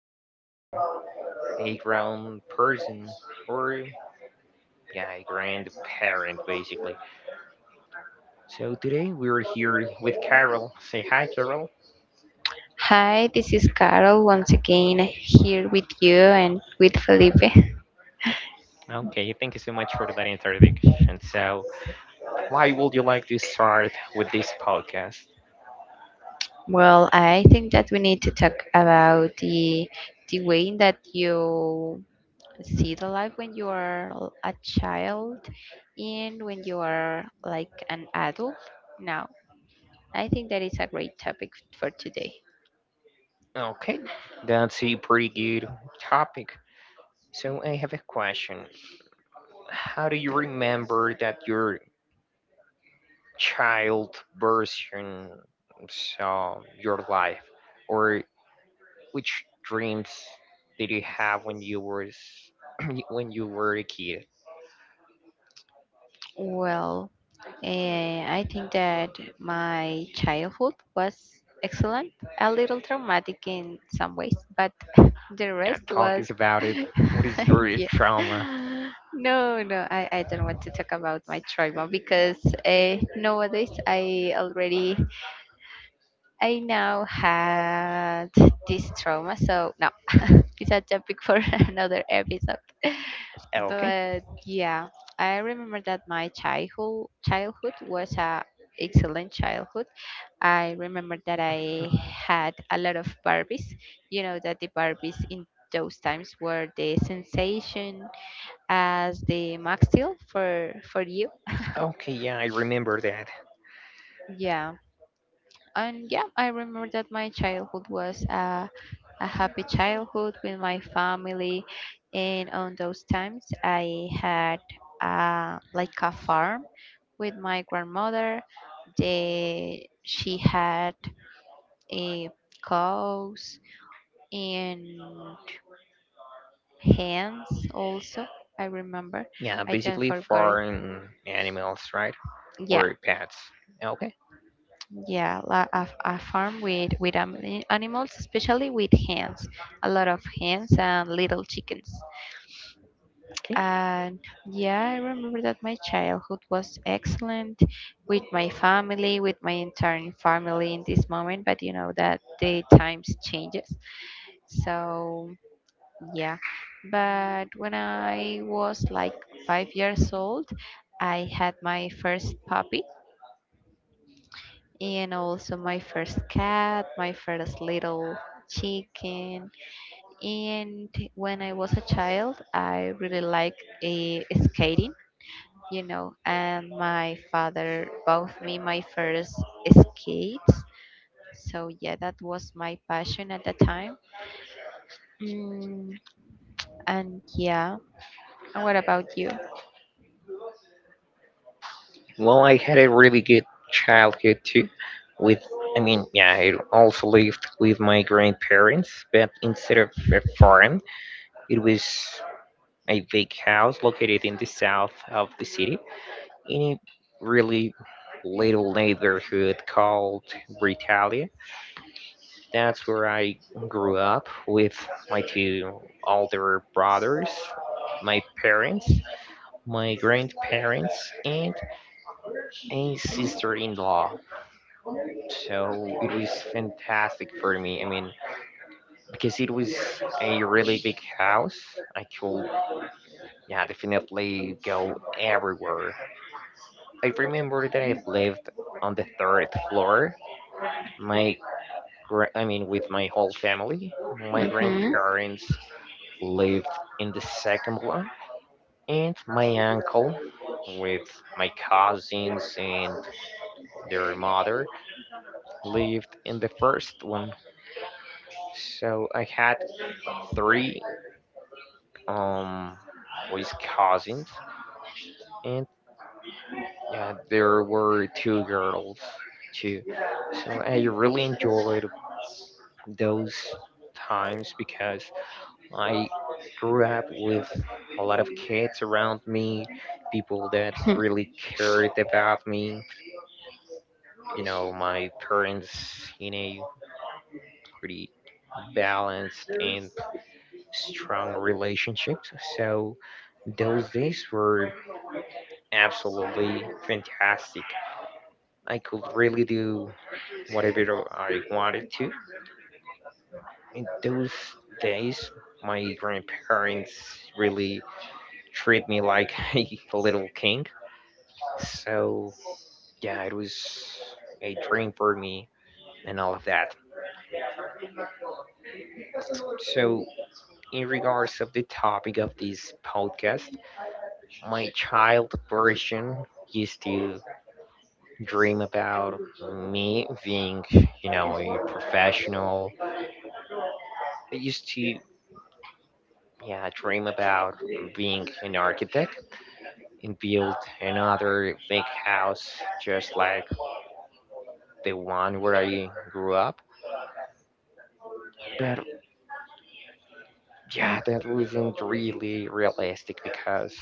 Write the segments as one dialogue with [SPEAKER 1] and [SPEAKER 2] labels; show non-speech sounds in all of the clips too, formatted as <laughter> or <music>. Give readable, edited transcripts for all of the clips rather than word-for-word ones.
[SPEAKER 1] or a grown person, or yeah, a grandparent basically. So today we're here with Carol. Say hi, Carol.
[SPEAKER 2] Hi, this is Carol once again here with you and with Felipe.
[SPEAKER 1] Okay, thank you so much for that introduction. So why would you like to start with this podcast?
[SPEAKER 2] Well, I think that we need to talk about the way in that you see the life when you are a child and when you are like an adult now. I think that is a great topic for today.
[SPEAKER 1] Okay, that's a pretty good topic. So I have a question. How do you remember that your child version saw your life? Or which dreams did you have when you were <clears throat> when you were a kid?
[SPEAKER 2] Well, I think that my childhood was excellent, a little traumatic in some ways, but <laughs> the
[SPEAKER 1] Yeah,
[SPEAKER 2] rest
[SPEAKER 1] talk
[SPEAKER 2] was.
[SPEAKER 1] is about it.
[SPEAKER 2] <laughs>
[SPEAKER 1] What is your
[SPEAKER 2] Yeah.
[SPEAKER 1] trauma?
[SPEAKER 2] No, no, I don't want to talk about my trauma because nowadays I now had this trauma, so no, <laughs> it's a topic for <laughs> another episode. <laughs>
[SPEAKER 1] Okay.
[SPEAKER 2] But yeah, I remember that my childhood was a excellent childhood. I remember that I had a lot of Barbies. You know that the Barbies in those times were the sensation as the max deal for you.
[SPEAKER 1] Okay, yeah, I remember that.
[SPEAKER 2] Yeah. And yeah, I remember that my childhood was a happy childhood with my family, and on those times I had like a farm with my grandmother. They She had a cows and hens also. I remember.
[SPEAKER 1] Yeah,
[SPEAKER 2] I don't
[SPEAKER 1] basically
[SPEAKER 2] forget it.
[SPEAKER 1] foreign animals, right?
[SPEAKER 2] Yeah,
[SPEAKER 1] Or pets. Okay.
[SPEAKER 2] yeah, a, a farm with animals, especially with hens, a lot of hens and little chickens.
[SPEAKER 1] Okay.
[SPEAKER 2] And yeah, I remember that my childhood was excellent with my family, with my entire family in this moment. But you know that the times changes, so yeah. But when I was like 5 years old, I had my first puppy and also my first cat, my first little chicken. And when I was a child, I really liked skating, and my father bought me my first skates. So, yeah, that was my passion at the time. Mm, and yeah, and what about you?
[SPEAKER 1] Well, I had a really good childhood too. With, I mean, yeah, I also lived with my grandparents, but instead of a farm, it was a big house located in the south of the city in a really little neighborhood called Britalia. That's where I grew up with my two older brothers, my parents, my grandparents, and a sister in law. So it was fantastic for me. I mean, because it was a really big house, I could, yeah, definitely go everywhere. I remember that I lived on the third floor. My I mean, with my whole family, my
[SPEAKER 2] Hmm.
[SPEAKER 1] grandparents, lived in the second one, and my uncle with my cousins and their mother lived in the first one. So I had three um with cousins, and yeah, there were two girls too. So I really enjoyed those times because I grew up with a lot of kids around me, people that really cared about me. You know, my parents in a pretty balanced and strong relationship. So those days were absolutely fantastic. I could really do whatever I wanted to. In those days, my grandparents really treat me like <laughs> a little king. So yeah, it was a dream for me and all of that. So in regards of the topic of this podcast, my child version used to dream about me being, you know, a professional. I used to, yeah, dream about being an architect and build another big house just like the one where I grew up. But yeah, that wasn't really realistic because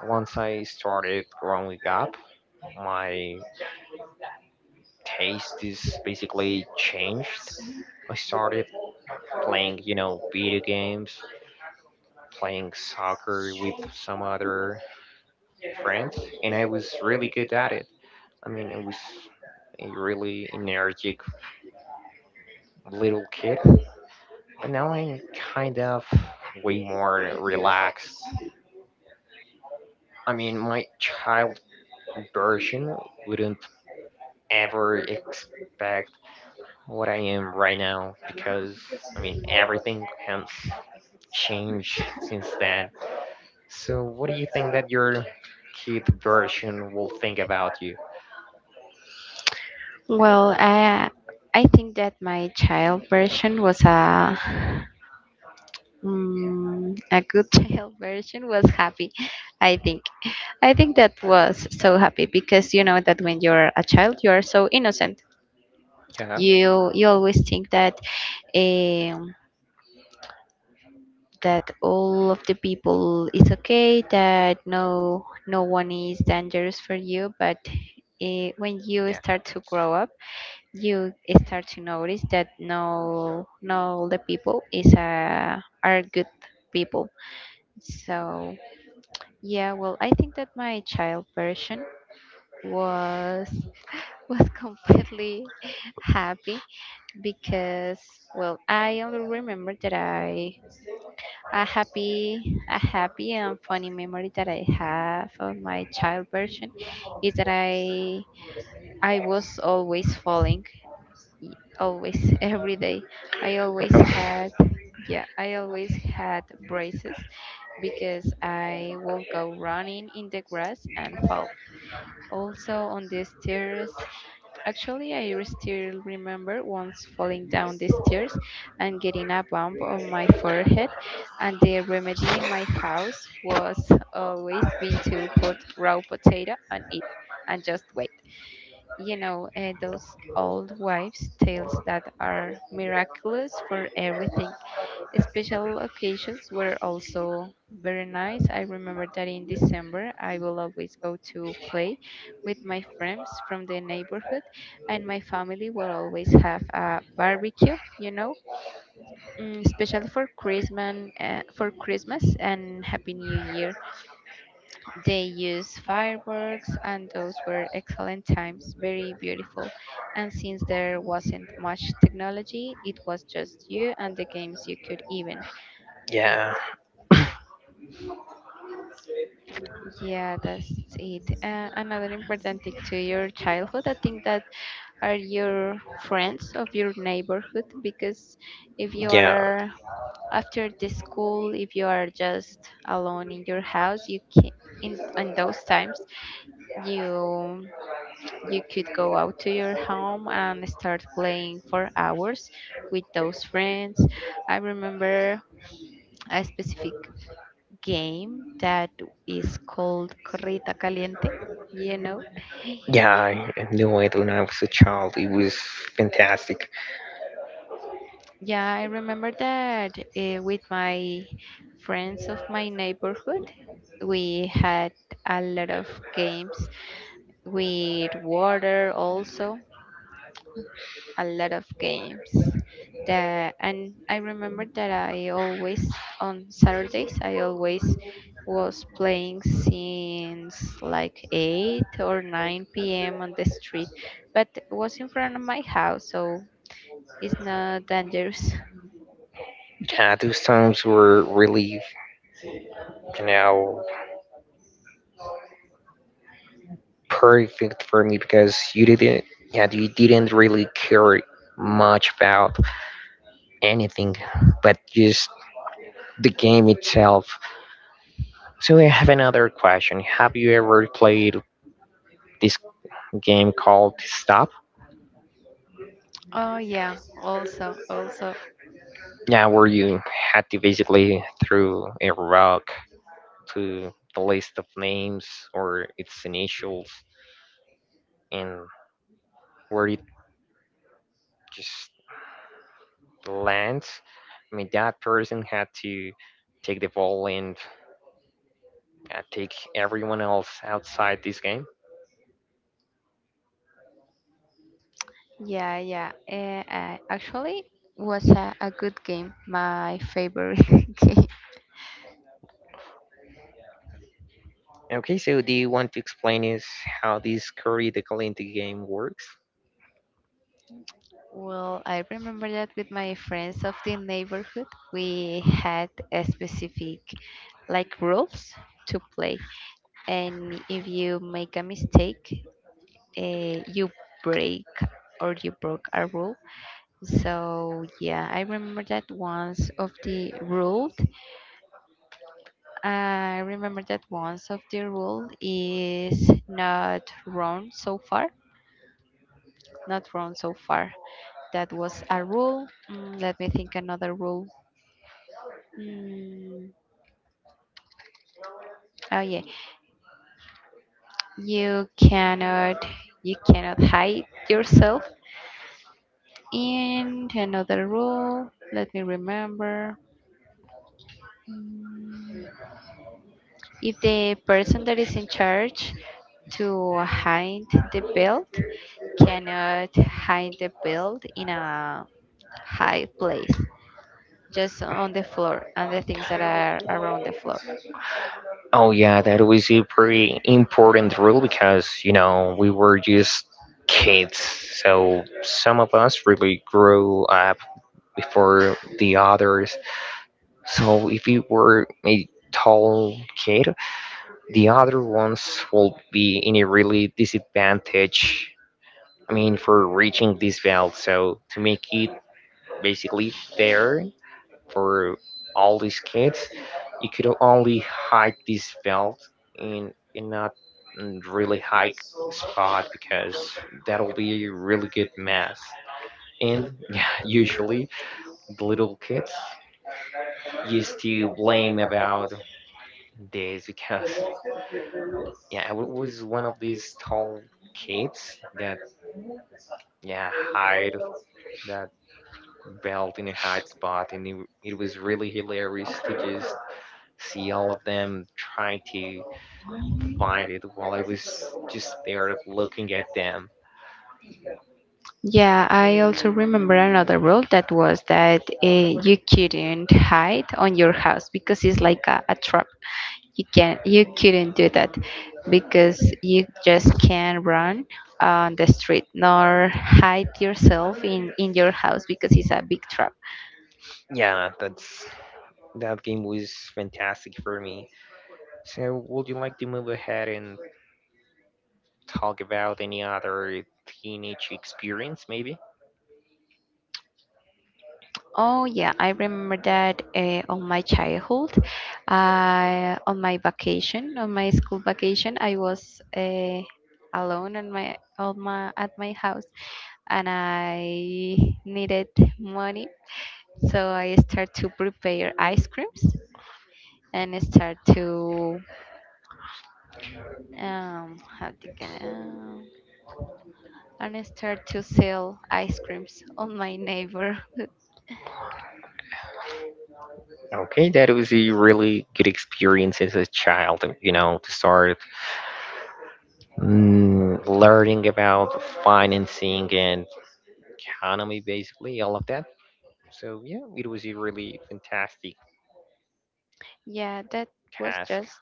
[SPEAKER 1] once I started growing up, my taste is basically changed. I started playing, you know, video games, playing soccer with some other friends, and I was really good at it. I mean, I was a really energetic little kid, but now I'm kind of way more relaxed. I mean, my child version wouldn't ever expect what I am right now because I mean everything has changed since then. So what do you think that your kid version will think about you?
[SPEAKER 2] <laughs> Well, I think that my child version was a good <laughs> child version was happy. I think i think that was so happy because you know that when you're a child you are so innocent.
[SPEAKER 1] Yeah,
[SPEAKER 2] You always think that um that all of the people is okay, that no one is dangerous for you, but when you
[SPEAKER 1] yeah,
[SPEAKER 2] start to grow up you start to notice that no all the people is are good people. So yeah, well, I think that my child version was <laughs> was completely <laughs> happy because, well, I only remember that I a happy and funny memory that I have of my child version is that I was always falling, y- always <laughs> every day. I always
[SPEAKER 1] that's- <laughs>
[SPEAKER 2] had yeah, I always had braces because I would go running in the grass and fall. Also on the stairs. Actually, I still remember once falling down the stairs and getting a bump on my forehead. And the remedy in my house was always been to put raw potato on it and just wait. Those old wives' tales that are miraculous for everything. Special occasions were also very nice. I remember that in December, I will always go to play with my friends from the neighborhood, and my family will always have a barbecue, especially for Christmas and Happy New Year. They use fireworks, and those were excellent times, very beautiful. And since there wasn't much technology, it was just you and the games you could even.
[SPEAKER 1] yeah,
[SPEAKER 2] Yeah, that's it. Another important thing to your childhood, I think, that are your friends of your neighborhood because if you
[SPEAKER 1] yeah,
[SPEAKER 2] are after the school, if you are just alone in your house, you can in those times you you could go out to your home and start playing for hours with those friends. I remember a specific game that is called Corrita Caliente, you know?
[SPEAKER 1] yeah. I I knew it when I was a child. It was fantastic.
[SPEAKER 2] Yeah, I remember that with my friends of my neighborhood, we had a lot of games with water also, a lot of games. That, and I remember that on Saturdays, I always was playing since like 8 or 9 p.m. on the street, but it was in front of my house, so it's not dangerous.
[SPEAKER 1] Yeah, those times were really, you know, perfect for me because you didn't, yeah, you didn't really care much about anything but just the game itself. So I have another question. Have you ever played this game called Stop?
[SPEAKER 2] Oh yeah, also, also,
[SPEAKER 1] Yeah, where you had to basically throw a rock to the list of names or its initials and where it just lands. I mean, that person had to take the ball and take everyone else outside this game.
[SPEAKER 2] yeah, yeah. Actually, was a good game. My favorite <laughs> game.
[SPEAKER 1] Okay, so do you want to explain is how this critical in the game works?
[SPEAKER 2] Well, I remember that with my friends of the neighborhood, we had a specific like rules to play, and if you make a mistake, you break or you broke a rule. So yeah, I remember that once of the rule is not wrong so far. Not wrong so far. That was a rule. Let me think another rule. Mm, oh yeah, you cannot you cannot hide yourself. And another rule. Let me remember. Mm, If the person that is in charge to hide the belt cannot hide the belt in a high place, just on the floor and the things that are around the floor.
[SPEAKER 1] Oh yeah, that was a pretty important rule because, you know, we were just kids. So some of us really grew up before the others. So if you were a tall kid, the other ones will be in a really disadvantage. I mean, for reaching this belt. So to make it basically fair for all these kids, you could only hide this belt in in a really high spot because that'll be a really good math. And yeah, <laughs> usually the little kids used to blame about this because <laughs> yeah, was one of these tall kids that yeah hide that belt in a hide spot, and it was really hilarious to just see all of them trying to find it while I was just there looking at them.
[SPEAKER 2] Yeah, I also remember another rule that was that you couldn't hide on your house because it's like a trap. You couldn't do that because you just can't run on the street nor hide yourself in your house because it's a big trap.
[SPEAKER 1] Yeah, that game was fantastic for me. So, would you like to move ahead and talk about any other teenage experience, maybe?
[SPEAKER 2] Oh yeah, I remember that on my childhood, on on my school vacation, I was uh, alone on my at my house, and I needed money, so I start to prepare ice creams and I start to how to get and I start to sell ice creams on my neighbor.
[SPEAKER 1] Okay, that was a really good experience as a child, you know, to start learning about financing and economy, basically, all of that. So, yeah, it was a really fantastic
[SPEAKER 2] Yeah, was
[SPEAKER 1] task.
[SPEAKER 2] just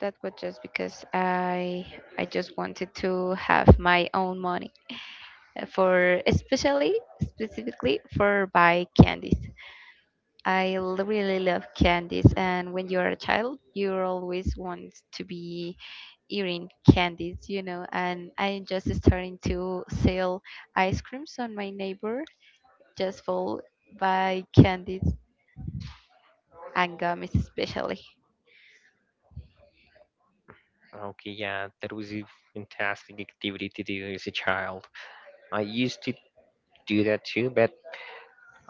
[SPEAKER 2] that was just because I just wanted to have my own money, for especially specifically for buy candies. I really love candies, and when you're a child you always want to be eating candies, and I just starting to sell ice creams on my neighbor just for buy candies and gummies especially.
[SPEAKER 1] Okay, yeah, that was a fantastic activity to do as a child. I used to do that too, but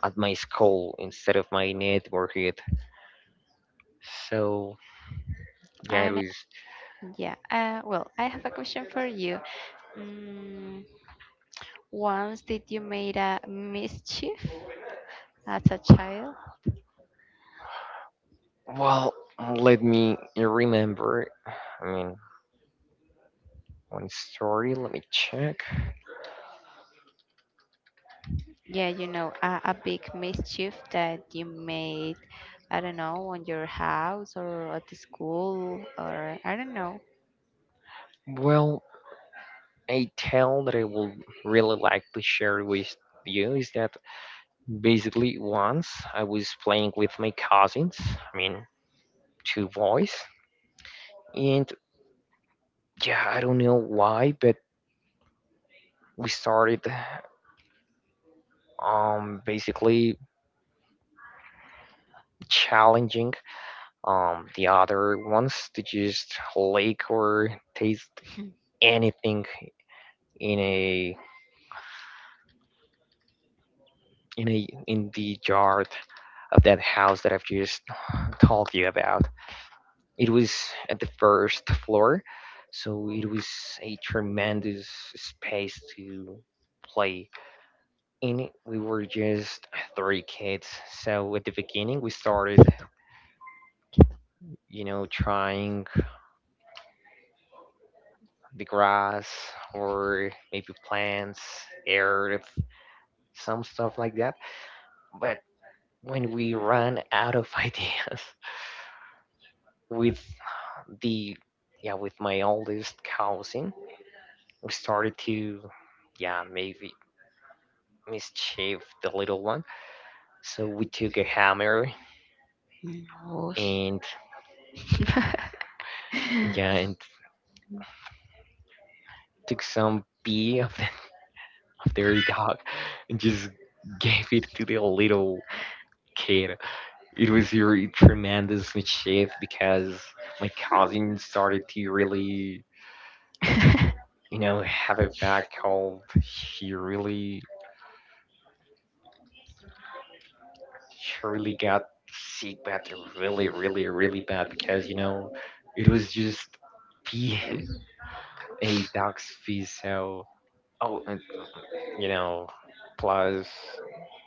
[SPEAKER 1] at my school instead of my neighborhood. So, yeah, it
[SPEAKER 2] And
[SPEAKER 1] was.
[SPEAKER 2] yeah. Well, I have a question for you. Mm, Once did you made a mischief as a child?
[SPEAKER 1] Well, let me remember. I mean, one story, let me check.
[SPEAKER 2] Yeah, a big mischief that you made, I don't know, on your house or at the school or I don't know.
[SPEAKER 1] Well, a tale that I would really like to share with you is that basically once I was playing with my cousins, I mean, two boys, and yeah, I don't know why, but we started basically challenging the other ones to just lick or taste anything in a in a in the yard of that house that I've just told you about. It was at the first floor, so it was a tremendous space to play in. We were just three kids, so at the beginning we started, you know, trying the grass or maybe plants, earth, some stuff like that. But when we ran out of <laughs> ideas with the yeah, with my oldest cousin, we started to yeah, maybe mischief the little one. So we took a hammer
[SPEAKER 2] No.
[SPEAKER 1] and
[SPEAKER 2] <laughs>
[SPEAKER 1] yeah, and took some pee of their dog and just gave it to the little kid. It was a tremendous mischief because my cousin started to really, you know, have a bad cold. She really got sick, but really, really, really bad because, you know, it was just pee, <laughs> a dog's pee. So, oh, and, you know, plus,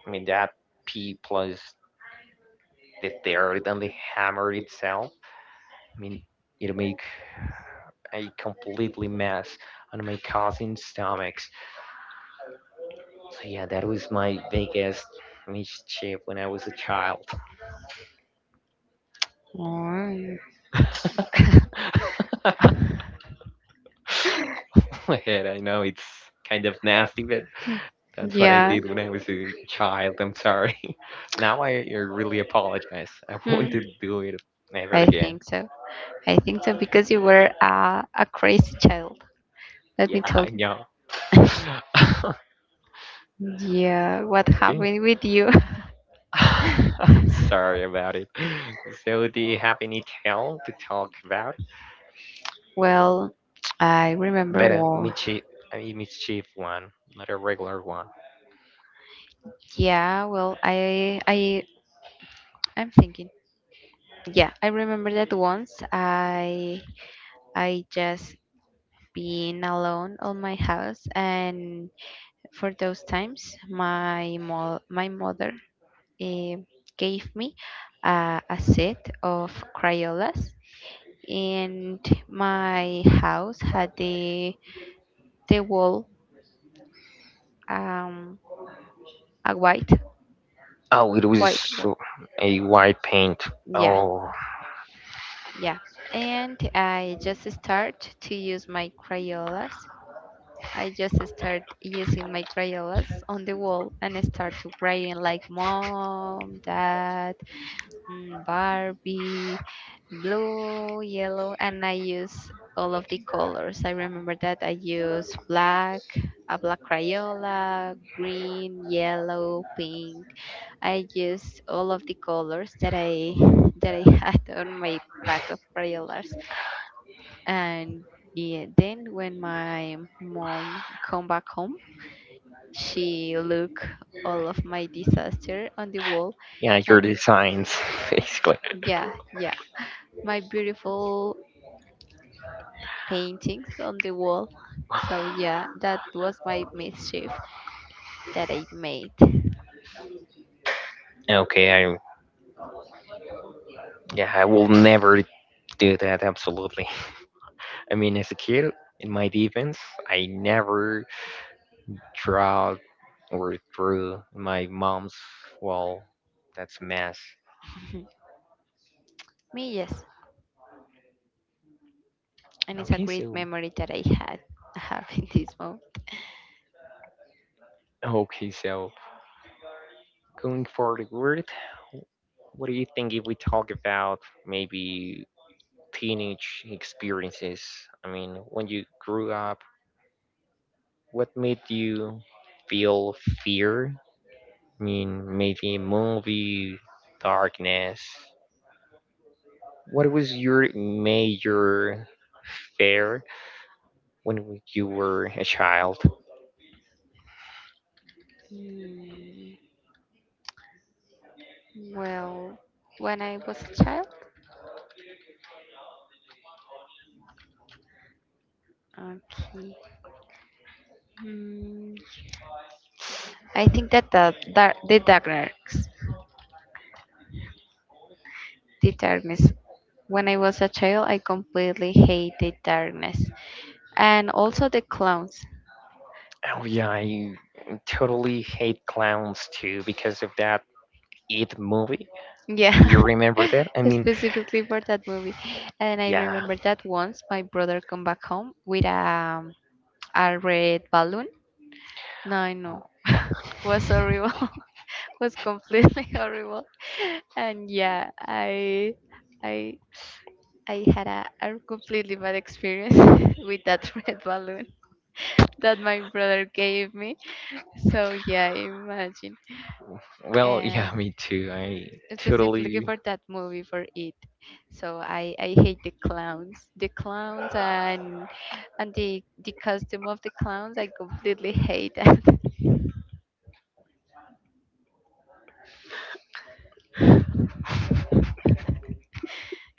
[SPEAKER 1] I mean, that pee plus the dirt and the hammer itself. I mean, it make I completely mess on my cousin's stomachs. So yeah, that was my biggest mischief when I was a child.
[SPEAKER 2] Mm. <laughs>
[SPEAKER 1] <laughs> And I know it's kind of nasty, but that's what I
[SPEAKER 2] Yeah.
[SPEAKER 1] did when I was a child. I'm sorry. <laughs> Now I really apologize. I <laughs> want to
[SPEAKER 2] Mm.
[SPEAKER 1] do it never
[SPEAKER 2] I
[SPEAKER 1] again.
[SPEAKER 2] think
[SPEAKER 1] <laughs>
[SPEAKER 2] so. I think so because you were a crazy child. Let
[SPEAKER 1] Yeah,
[SPEAKER 2] me tell
[SPEAKER 1] I
[SPEAKER 2] you.
[SPEAKER 1] know. <laughs>
[SPEAKER 2] Yeah, what
[SPEAKER 1] Okay.
[SPEAKER 2] happened with you? <laughs>
[SPEAKER 1] <laughs> I'm sorry about it. So, do you have any tale to talk about?
[SPEAKER 2] Well, I remember.
[SPEAKER 1] But
[SPEAKER 2] Well,
[SPEAKER 1] a mischief one, not a regular one.
[SPEAKER 2] yeah. Well, I'm thinking. Yeah, I remember that once I just been alone on my house, and for those times, my mother eh, gave me a set of Crayolas, and my house had the wall, um a
[SPEAKER 1] Oh, it was
[SPEAKER 2] white wall.
[SPEAKER 1] so, a white paint.
[SPEAKER 2] Yeah,
[SPEAKER 1] Oh,
[SPEAKER 2] yeah. And I just start to use my Crayolas. I just start using my Crayolas on the wall, and I start to writing like mom, dad, Barbie, blue, yellow, and I use all of the colors. I remember that I use black, a black Crayola, green, yellow, pink, I used all of the colors that I <laughs> that I had <laughs> on my pack of crayons. And yeah, then when my mom come back home, she look all of my disaster on the wall,
[SPEAKER 1] yeah, your
[SPEAKER 2] and
[SPEAKER 1] designs, <laughs> basically.
[SPEAKER 2] yeah, yeah, my beautiful paintings on the wall. So yeah, that was my mischief that I made. <laughs>
[SPEAKER 1] Okay, I yeah, I will never do that. Absolutely. <laughs> I mean, as a kid, in my defense, I never draw or drew my mom's wall. That's a mess.
[SPEAKER 2] Me yes, and it's a
[SPEAKER 1] Okay,
[SPEAKER 2] great
[SPEAKER 1] so
[SPEAKER 2] memory that I had <laughs> have in this moment.
[SPEAKER 1] okay, so going forward, what do you think if we talk about maybe teenage experiences? I mean, when you grew up, what made you feel fear? I mean, maybe movie, darkness. What was your major fear when you were a child?
[SPEAKER 2] Mm. Well, when I was a child, okay. Mm, I think that the darkness. When I was a child, I completely hate the darkness and also the clowns.
[SPEAKER 1] Oh yeah, I totally hate clowns too because of that It movie.
[SPEAKER 2] Yeah.
[SPEAKER 1] Do you remember that? I
[SPEAKER 2] <laughs>
[SPEAKER 1] mean,
[SPEAKER 2] Specifically for that movie, and I
[SPEAKER 1] yeah.
[SPEAKER 2] remember that once my brother come back home with a red balloon. No, I know, <laughs> was horrible, <laughs> was completely <laughs> horrible, and yeah, I I had a completely bad experience <laughs> with that red balloon that my brother gave me. So yeah, imagine.
[SPEAKER 1] Well,
[SPEAKER 2] Uh,
[SPEAKER 1] yeah, me too. I
[SPEAKER 2] Specifically
[SPEAKER 1] totally,
[SPEAKER 2] for that movie, for it. So I hate the clowns. The clowns and the costume of the clowns, I completely hate that. <laughs>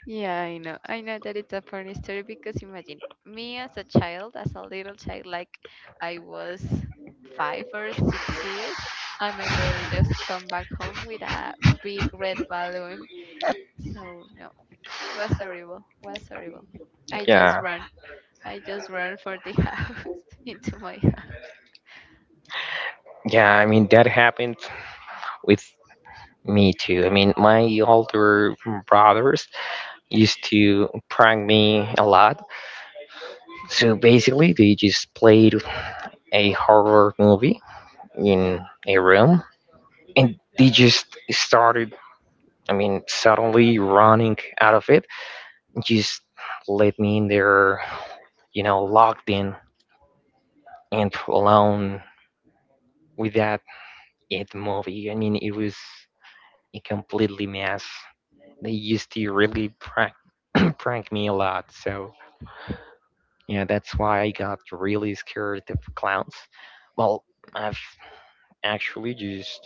[SPEAKER 2] Yeah, I know. I know that it's a funny story because imagine me as a child, as a little child, like I was 5 or 6 years, and my brother just come back home with a big red balloon. So no, was horrible. Was horrible. I
[SPEAKER 1] yeah.
[SPEAKER 2] just run. I just run for the <laughs> house into my house.
[SPEAKER 1] Yeah, I mean that happened with me too. I mean, my older brothers used to prank me a lot. So basically, they just played a horror movie in
[SPEAKER 2] Yeah,
[SPEAKER 1] a room, and they just started. I mean, suddenly running out of it, and just let me in there, you know, locked in and alone with that It movie. I mean, it was a completely mess. They used to really prank me a lot. So, yeah, that's why I got really scared of clowns. Well, I've actually just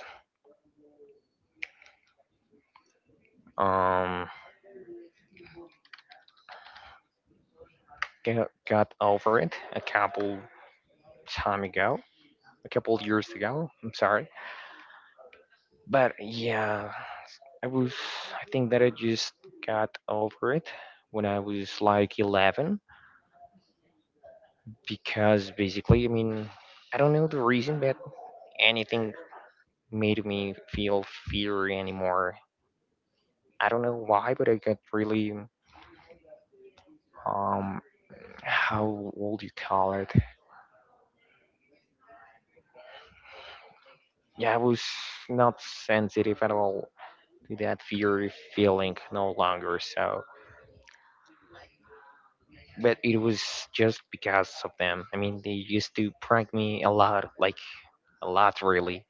[SPEAKER 1] um got over it a couple time ago, a couple years ago. I'm sorry, but yeah, I was. I think that I just got over it when I was like 11 because basically, I mean, I don't know the reason, but anything made me feel fear anymore. I don't know why, but I got really um how would you call it, yeah, I was not sensitive at all to that fear feeling no longer. So but it was just because of them. I mean they used to prank me a lot, like a lot, really.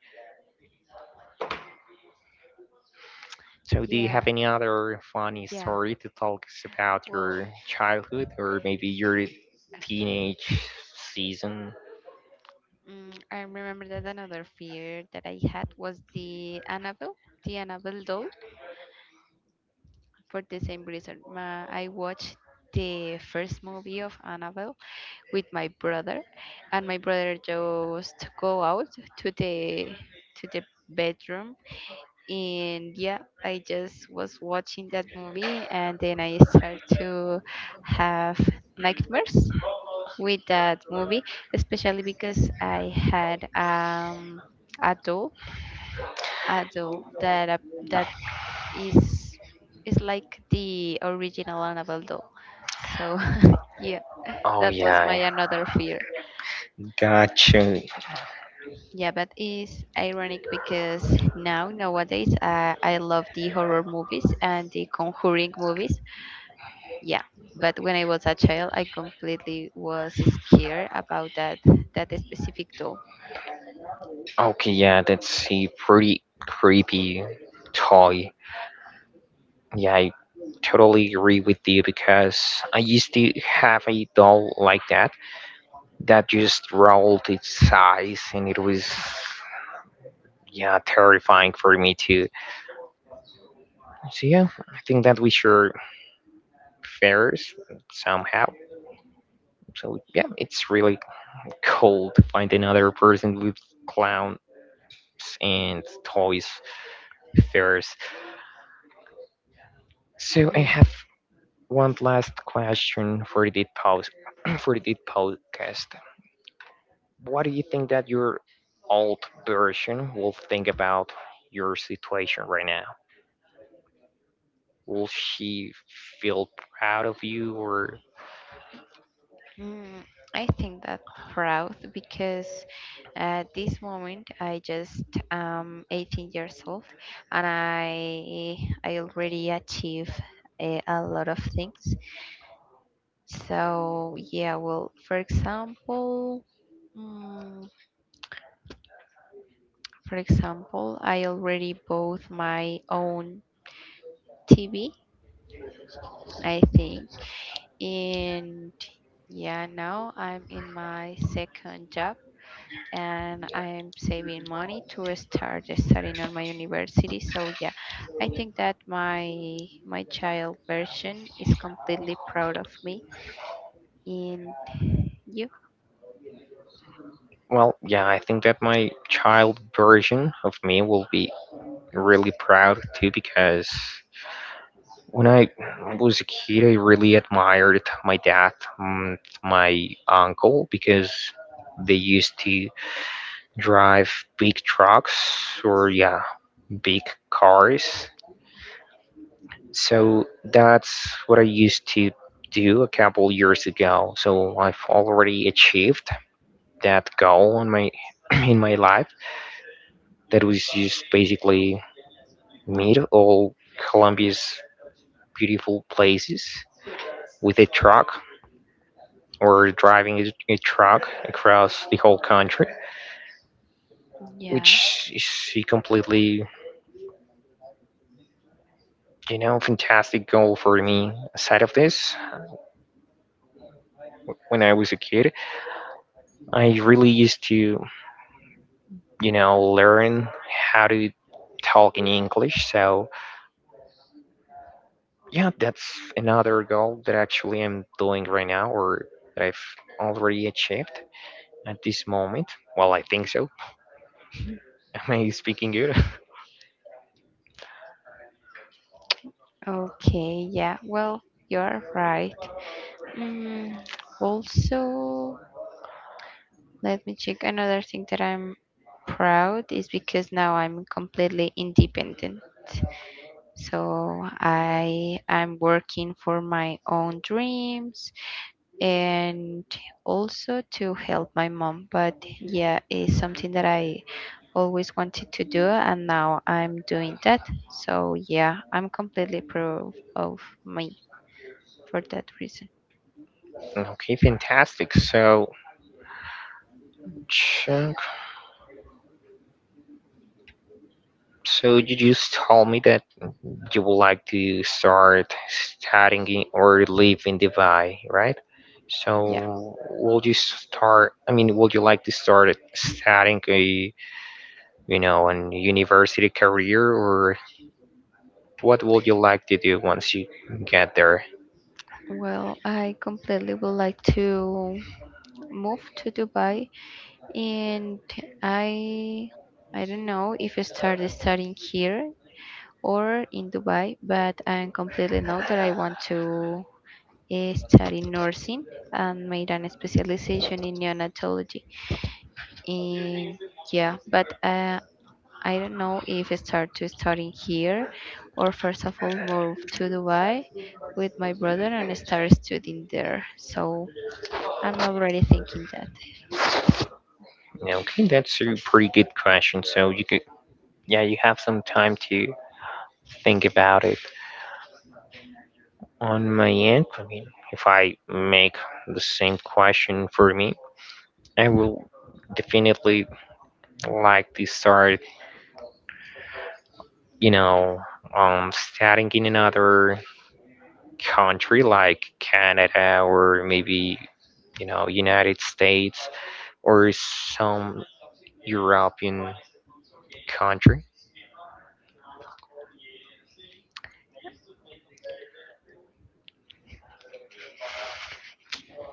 [SPEAKER 1] So do you have
[SPEAKER 2] yeah,
[SPEAKER 1] any other funny
[SPEAKER 2] yeah.
[SPEAKER 1] story to talk about
[SPEAKER 2] Well,
[SPEAKER 1] your childhood or maybe your teenage season?
[SPEAKER 2] I remember that another fear that I had was the Annabelle doll, for the same reason. Ma I watched the first movie of Annabelle with my brother, and my brother just go out to the bedroom, and yeah, I just was watching that movie, and then I start to have nightmares with that movie, especially because I had a doll, that that is is like the original Annabelle doll. So <laughs> yeah,
[SPEAKER 1] Oh
[SPEAKER 2] that was
[SPEAKER 1] yeah,
[SPEAKER 2] my another fear.
[SPEAKER 1] gotcha.
[SPEAKER 2] Yeah, but it's ironic because nowadays I love the horror movies and the Conjuring movies. Yeah, but when I was a child, I completely was scared about that specific doll.
[SPEAKER 1] Okay, yeah, that's a pretty creepy toy. Yeah, I totally agree with you because I used to have a doll like that that just rolled its eyes and it was yeah, terrifying for me too. So yeah, I think that we share fares somehow. So yeah, it's really cool to find another person with clowns and toys fares. So I
[SPEAKER 2] Yeah.
[SPEAKER 1] have one last question for the pause <clears throat> for the podcast. What do you think that your old version will think about your situation right now? Will she feel proud of you or
[SPEAKER 2] Mm, I think that proud because at this moment I just 18 years old, and I already achieved a lot of things. So yeah, well, mm, for example, I already bought my own TV, I think, and yeah, now I'm in my second job and I'm saving money to start studying on my university. So yeah, I think that my child version is completely proud of me and you.
[SPEAKER 1] well, yeah, I think that my child version of me will be really proud too because when I was a kid, I really admired my dad and my uncle because they used to drive big trucks or yeah, big cars. So that's what I used to do a couple years ago. So I've already achieved that goal in my <clears throat> in my life. That was just basically meet all Colombia's beautiful places with a truck or driving a truck across the whole country,
[SPEAKER 2] Yeah.
[SPEAKER 1] which is a completely, you know, fantastic goal for me. Aside of this, when I was a kid, I really used to, you know, learn how to talk in English. So, yeah, that's another goal that actually I'm doing right now or that I've already achieved at this moment. Well, I think so. <laughs> Am I speaking good? <laughs>
[SPEAKER 2] Okay, yeah, well, you're right. Mm, Also, let me check another thing that I'm proud is because now I'm completely independent. So I am working for my own dreams and also to help my mom. But yeah, it's something that I always wanted to do, and now I'm doing that. So yeah, I'm completely proud of me for that reason.
[SPEAKER 1] Okay, fantastic. So, check. So, you just told me that you would like to start studying or live in Dubai, right? So,
[SPEAKER 2] Yeah,
[SPEAKER 1] would you start? I mean, would you like to start studying a, you know, an university career, or what would you like to do once you get there?
[SPEAKER 2] well, I completely would like to move to Dubai, and I I don't know if I start studying here or in Dubai, but I completely know that I want to study nursing and made an specialization in neonatology. And yeah, but I don't know if I start to studying here or first of all move to Dubai with my brother and start studying there. So I'm already thinking that.
[SPEAKER 1] You know, okay, that's a pretty good question. So you could, yeah, you have some time to think about it. On my end, I mean, if I make the same question for me, I will definitely like to start, you know, studying in another country like Canada or maybe, you know, United States or some European country.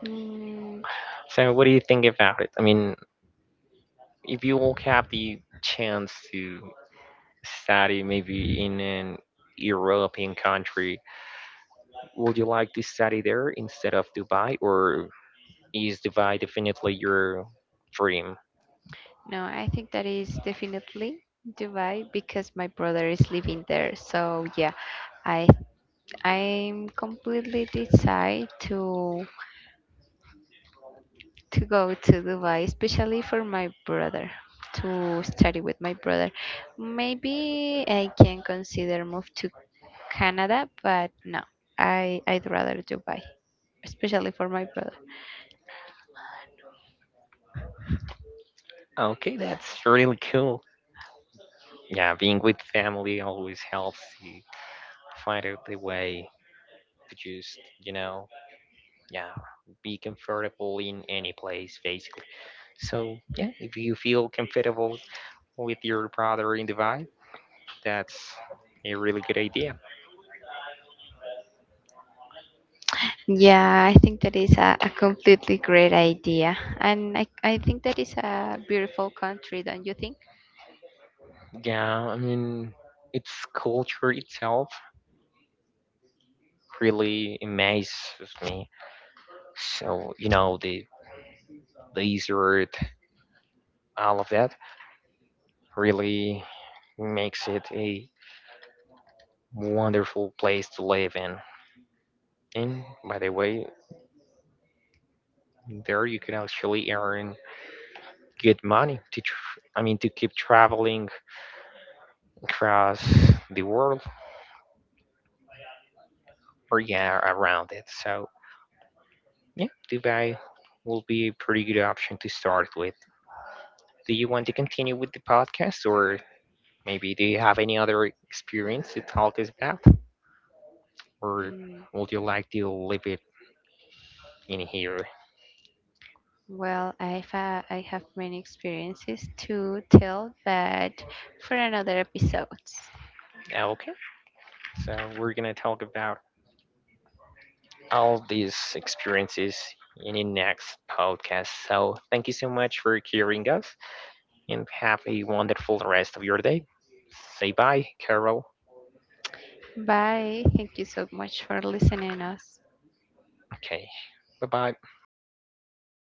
[SPEAKER 2] Mm,
[SPEAKER 1] So, what do you think about it? I mean, if you will have the chance to study maybe in an European country, would you like to study there instead of Dubai, or is Dubai definitely your dream?
[SPEAKER 2] no, I think that is definitely Dubai because my brother is living there. So yeah, I I'm completely decide to go to Dubai, especially for my brother, to study with my brother. Maybe I can consider move to Canada, but no, I'd rather Dubai, especially for my brother.
[SPEAKER 1] Okay, that's really cool. Yeah, being with family always helps you find out the way to just, you know, yeah, be comfortable in any place, basically. So, yeah, if you feel comfortable with your brother in the vibe, that's a really good idea.
[SPEAKER 2] Yeah, I think that is a completely great idea. And I think that is a beautiful country, don't you think?
[SPEAKER 1] Yeah, I mean, its culture itself really amazes me. So, you know, the desert, all of that really makes it a wonderful place to live in. And by the way, there you can actually earn good money to, I mean, to keep traveling across the world or yeah, around it. So yeah, Dubai will be a pretty good option to start with. Do you want to continue with the podcast, or maybe do you have any other experience to talk us about, or
[SPEAKER 2] Mm,
[SPEAKER 1] would you like to leave it in here?
[SPEAKER 2] well, I have many experiences to tell, but for another episode.
[SPEAKER 1] Okay, so we're gonna talk about all these experiences in the next podcast. So thank you so much for hearing us and have a wonderful rest of your day. Say bye, Carol.
[SPEAKER 2] Bye. Thank you so much for listening us.
[SPEAKER 1] Okay. Bye bye.